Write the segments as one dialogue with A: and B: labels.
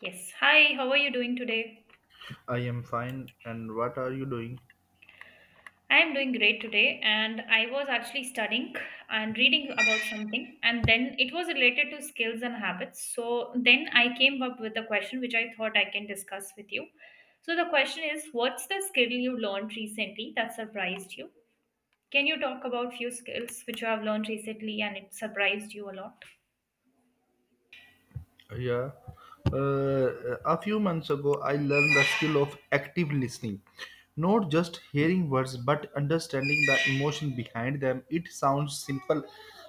A: Yes. Hi, how are you doing today?
B: I am fine. And what are you doing?
A: I am doing great today, and I was actually studying and reading about something, and then it was related to skills and habits. So then I came up with a question which I thought I can discuss with you. So the question is, what's the skill you learned recently that surprised you? Can you talk about few skills which you have learned recently and it surprised you a lot?
B: Yeah. A few months ago, I learned the skill of active listening. Not just hearing words, but understanding the emotion behind them. It sounds simple,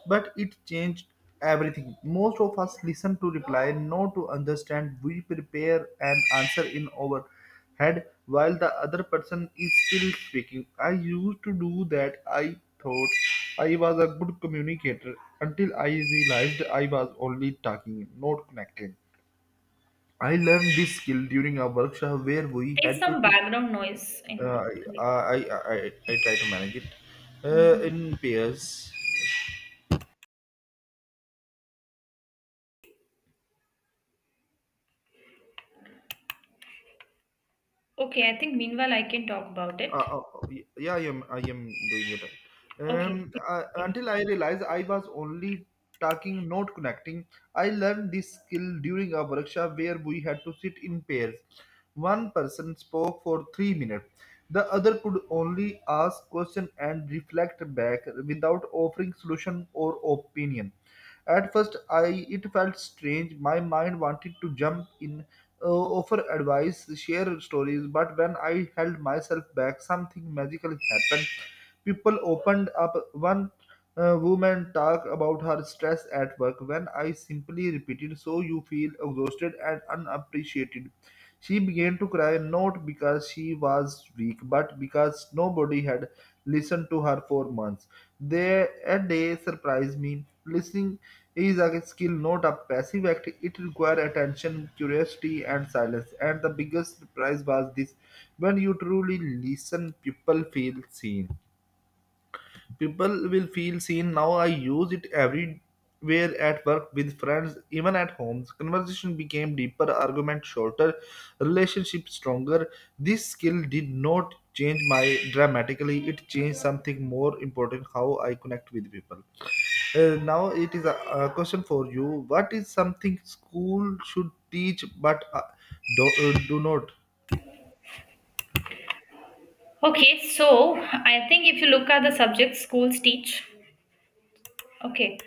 B: but it changed everything. Most of us listen to reply, not to understand. We prepare an answer in our head while the other person is still speaking. I used to do that. I thought I was a good communicator until I realized I was only talking, not connecting. I learned this skill during a workshop where we
A: There's
B: had to
A: some
B: sit.
A: background noise
B: Uh,
A: in
B: I,
A: like.
B: I, I, I, I try to manage it
A: Mhm.
B: in pairs.
A: Okay, I think meanwhile I can talk about
B: Uh,
A: it.
B: uh, yeah, I am doing it. Right.
A: Okay.
B: Until I realized I was only talking, not connecting. I learned this skill during a workshop where we had to sit in pairs. One person spoke for 3 minutes. The other could only ask question and reflect back without offering solution or opinion. At first, I it felt strange. My mind wanted to jump in, offer advice, share stories, but when I held myself back, something magical happened. People opened up. One woman talked about her stress at work when I simply repeated, "So you feel exhausted and unappreciated." She began to cry not because she was weak, but because nobody had listened to her for months. They surprise me. Listening is a skill, not a passive act. It requires attention, curiosity, and silence. And the biggest surprise was this: when you truly listen, people feel seen. People will feel seen. Now I use it everywhere at work, with friends, even at homes. Conversation became deeper, argument shorter, relationship stronger. This skill did not change my dramatically. It changed something more important: how I connect with people. Now it is a question for you. What is something school should teach but do not?
A: Okay, so I think if you look at the subjects schools teach, okay,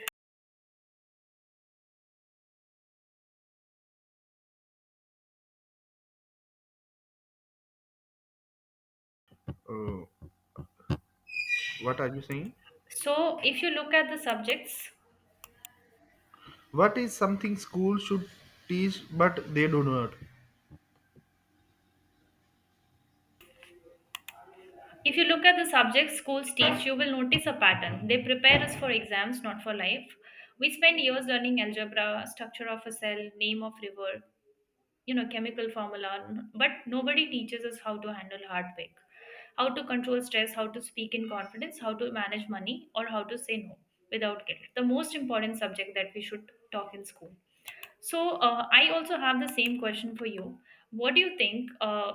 B: Uh, what are you saying?
A: so if you look at the subjects,
B: What is something school should teach but they do not?
A: if you look at the subjects schools teach, you will notice a pattern. They prepare us for exams, not for life. We spend years learning algebra, structure of a cell, name of river, chemical formula, but nobody teaches us how to handle heartbreak, how to control stress, how to speak in confidence, how to manage money, or how to say no without guilt. The most important subject that we should talk in school. So I also have the same question for you. What do you think? Uh,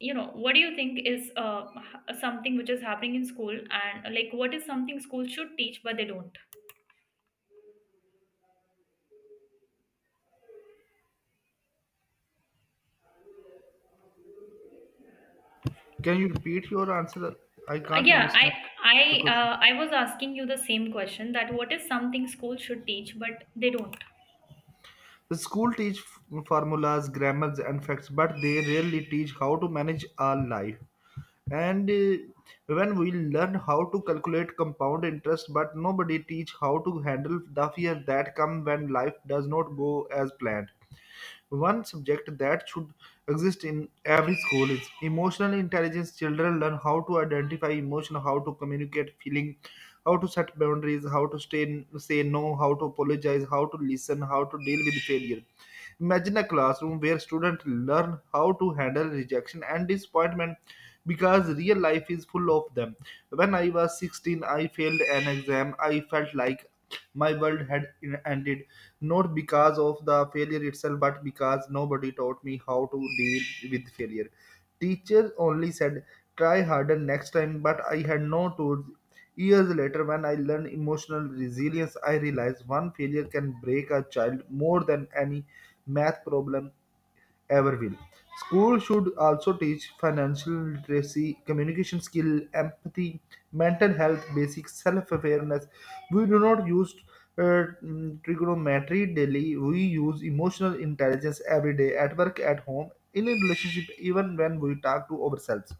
A: you know, What do you think is something which is happening in school, and like what is something school should teach but they don't?
B: Can you repeat your answer? I can't
A: Yeah, I
B: understand the
A: I
B: question.
A: uh, I was asking you the same question that what is something school should teach but they don't?
B: The school teach formulas, grammars, and facts, but they rarely teach how to manage our life. And when we learn how to calculate compound interest, but nobody teach how to handle the fear that come when life does not go as planned. One subject that should exist in every school is emotional intelligence. Children learn how to identify emotion, how to communicate feeling, how to set boundaries, how to stay, say no, how to apologize, how to listen, how to deal with failure. Imagine a classroom where students learn how to handle rejection and disappointment because real life is full of them. When I was 16, I failed an exam. I felt like my world had ended not because of the failure itself, but because nobody taught me how to deal with failure. Teachers only said, try harder next time, but I had no tools. Years later, when I learned emotional resilience, I realized one failure can break a child more than any math problem ever will. Schools should also teach financial literacy, communication skill, empathy, mental health, basic self-awareness. We do not use trigonometry daily. We use emotional intelligence every day at work, at home, in a relationship, even when we talk to ourselves.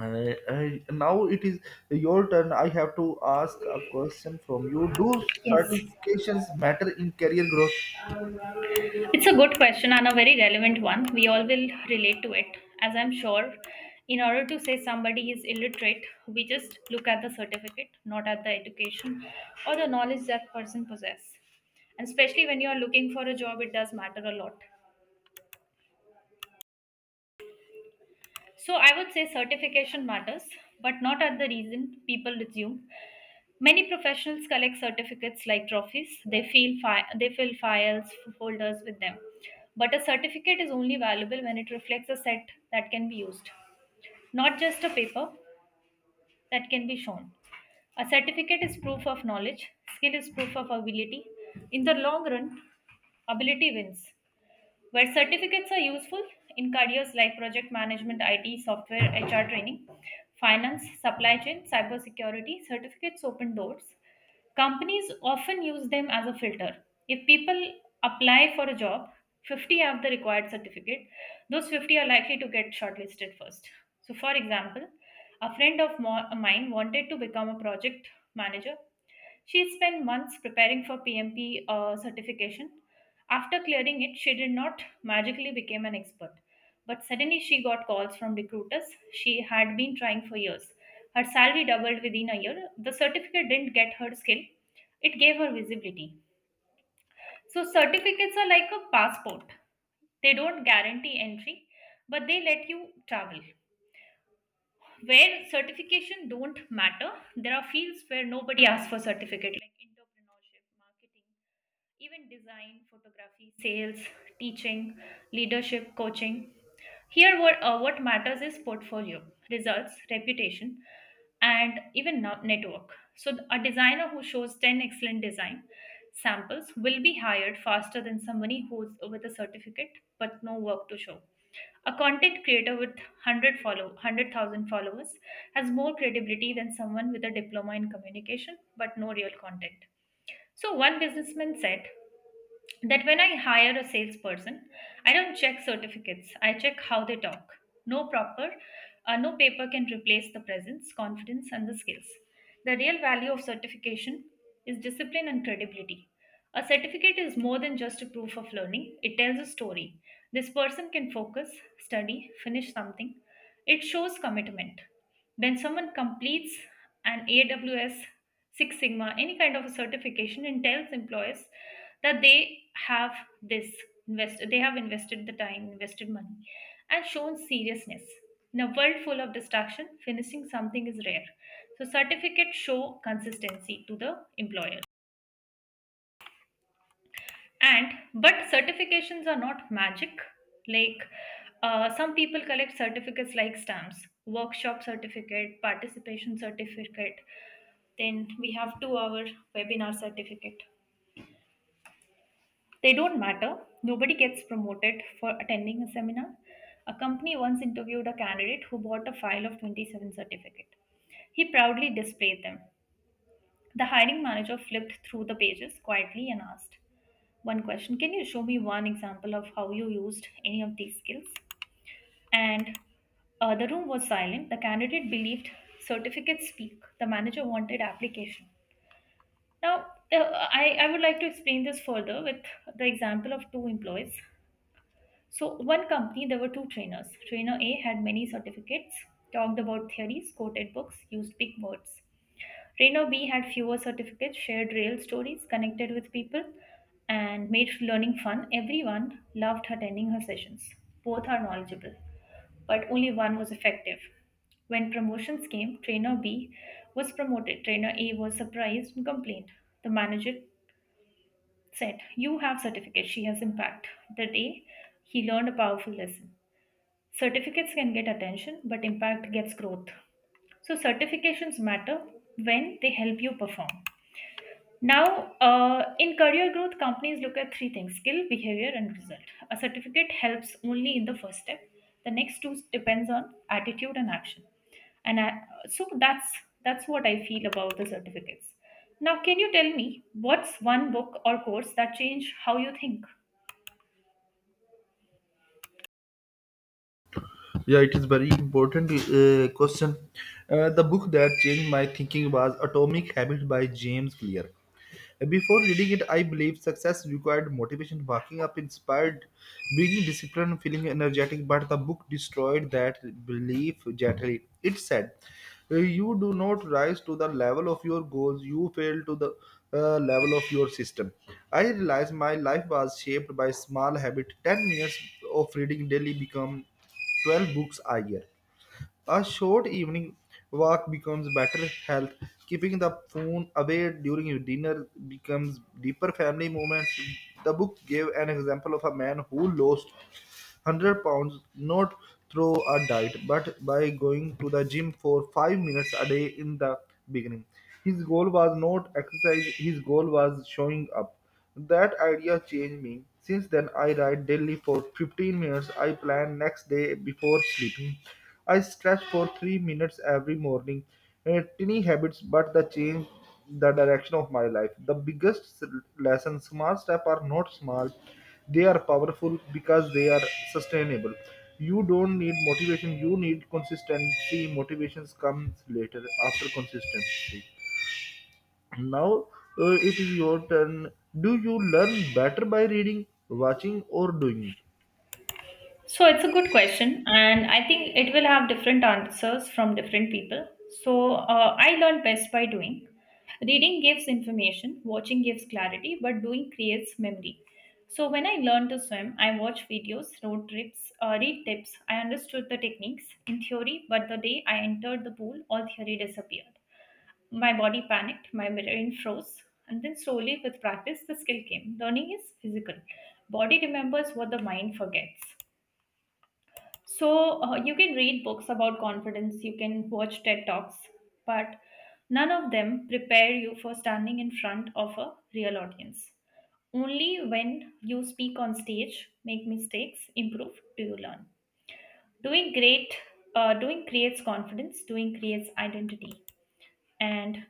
B: Now it is your turn. I have to ask a question from you. Do
A: Yes.
B: certifications matter in career growth?
A: It's a good question and a very relevant one. We all will relate to it, as I'm sure. In order to say somebody is illiterate, we just look at the certificate, not at the education or the knowledge that person possess. And especially when you are looking for a job, it does matter a lot. So I would say certification matters, but not at the reason people assume. Many professionals collect certificates like trophies. They fill files folders with them. But a certificate is only valuable when it reflects a set that can be used, not just a paper that can be shown. A certificate is proof of knowledge, skill is proof of ability. In the long run, ability wins where certificates are useful in careers like project management, IT, software, HR training, finance, supply chain, cybersecurity. Certificates open doors. Companies often use them as a filter. If people apply for a job, 50 have the required certificate. Those 50 are likely to get shortlisted first. So, for example, a friend of mine wanted to become a project manager. She spent months preparing for PMP certification. After clearing it, she did not magically become an expert. But suddenly she got calls from recruiters she had been trying for years. Her salary doubled within a year. The certificate didn't get her skill, it gave her visibility. So, certificates are like a passport, they don't guarantee entry, but they let you travel. Where certification don't matter, there are fields where nobody asks for certificate, like entrepreneurship, marketing, even design, photography, sales, teaching, leadership coaching. Here what matters is portfolio, results, reputation, and even network. So a designer who shows 10 excellent design samples will be hired faster than somebody who's with a certificate but no work to show. A content creator with 100,000 followers has more credibility than someone with a diploma in communication but no real content. So one businessman said, that when I hire a salesperson, I don't check certificates. I check how they talk. No proper, no paper can replace the presence, confidence, and the skills. The real value of certification is discipline and credibility. A certificate is more than just a proof of learning. It tells a story. This person can focus, study, finish something. It shows commitment. When someone completes an AWS Six Sigma, any kind of a certification, and tells employees that they have this they have invested the time, invested money, and shown seriousness. In a world full of distraction, finishing something is rare. So certificates show consistency to the employer. And but certifications are not magic. Like some people collect certificates like stamps, workshop certificate, participation certificate. Then we have two-hour webinar certificate. They don't matter. Nobody gets promoted for attending a seminar. A company once interviewed a candidate who bought a file of 27 certificate. He proudly displayed them. The hiring manager flipped through the pages quietly and asked one question. Can you show me one example of how you used any of these skills? And the room was silent. The candidate believed certificates speak. The manager wanted application. Now, I would like to explain this further with the example of two employees. So, one company, there were two trainers. Trainer A had many certificates, talked about theories, quoted books, used big words. Trainer B had fewer certificates, shared real stories, connected with people, and made learning fun. Everyone loved attending her sessions. Both are knowledgeable, but only one was effective. When promotions came, Trainer B was promoted. Trainer A was surprised and complained. The manager said, You have certificate, she has impact. That day, he learned a powerful lesson. Certificates can get attention, but impact gets growth. So, certifications matter when they help you perform. Now, in career growth, companies look at three things: skill, behavior, and result. A certificate helps only in the first step. The next two depends on attitude and action. And I, so that's what I feel about the certificates. Now, can you tell me what's one book or course that changed how you think?
B: Yeah, it is very important question. The book that changed my thinking was Atomic Habits by James Clear. Before reading it, I believe success required motivation, waking up inspired, being disciplined, feeling energetic, but the book destroyed that belief gently. It said, "You do not rise to the level of your goals, you fail to the level of your system." I realized my life was shaped by small habit. 10 minutes of reading daily become 12 books a year. A short evening walk becomes better health. Keeping the phone away during your dinner becomes deeper family moments. The book gave an example of a man who lost 100 pounds not through a diet but by going to the gym for 5 minutes a day in the beginning. His goal was not exercise, his goal was showing up. That idea changed me. Since then, I write daily for 15 minutes. I plan next day before sleeping. I stretch for 3 minutes every morning. Tiny habits, but they change the direction of my life. The biggest lesson small steps are not small, they are powerful because they are sustainable. You don't need motivation, you need consistency. Motivations comes later after consistency. Now it is your turn. Do you learn better by reading, watching, or doing?
A: So it's a good question, and I think it will have different answers from different people. So I learned best by doing. Reading gives information, watching gives clarity, but doing creates memory. So when I learned to swim, I watched videos, road trips, read tips. I understood the techniques in theory, but the day I entered the pool, all theory disappeared. My body panicked, my brain froze, and then slowly, with practice, the skill came. Learning is physical. Body remembers what the mind forgets. So you can read books about confidence, you can watch TED Talks, but none of them prepare you for standing in front of a real audience. Only when you speak on stage, make mistakes, improve, do you learn. Doing great, Doing creates confidence, doing creates identity. And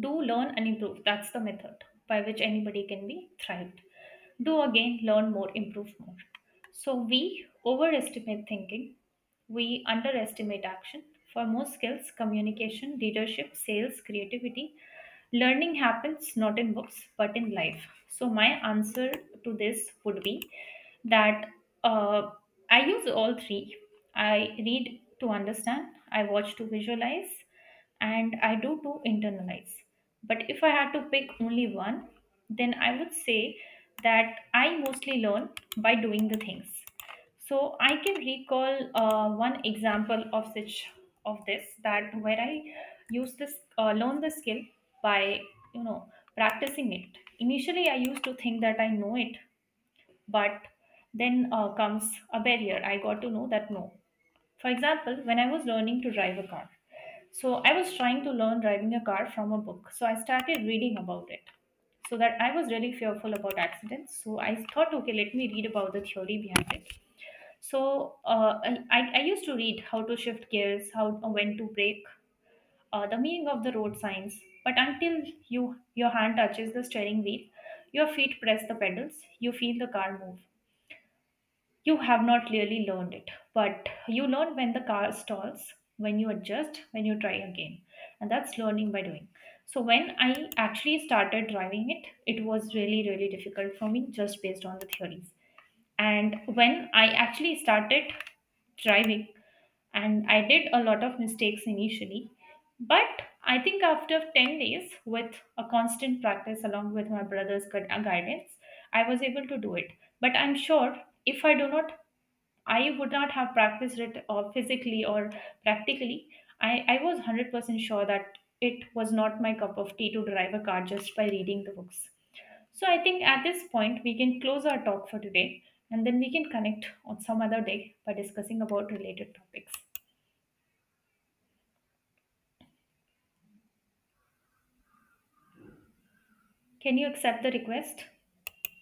A: do, learn, and improve, that's the method by which anybody can be thrived. Do again, learn more, improve more. So we overestimate thinking, we underestimate action. For most skills, communication, leadership, sales, creativity, learning happens not in books but in life. So my answer to this would be that uh, I use all three. I read to understand, I watch to visualize, and I do too internalize. But if I had to pick only one, then I would say that I mostly learn by doing the things. So I can recall one example of such of this that where I used this learn the skill by you know practicing it. Initially, I used to think that I know it, but then comes a barrier. I got to know that no, for example, when I was learning to drive a car, so I was trying to learn driving a car from a book. So I started reading about it. So that I was really fearful about accidents. So I thought, okay, let me read about the theory behind it. So I used to read how to shift gears, how when to brake, the meaning of the road signs. But until you, your hand touches the steering wheel, your feet press the pedals, you feel the car move, you have not really learned it. But you learn when the car stalls, when you adjust, when you try again, and that's learning by doing. So when I actually started driving it, it was really really difficult for me just based on the theories. And when I actually started driving, and I did a lot of mistakes initially, but I think after 10 days with a constant practice along with my brother's guidance, I was able to do it. But I'm sure if I do not, I would not have practiced it or physically or practically. I was 100% sure that it was not my cup of tea to drive a car just by reading the books. So I think at this point, we can close our talk for today and then we can connect on some other day by discussing about related topics. Can you accept the request?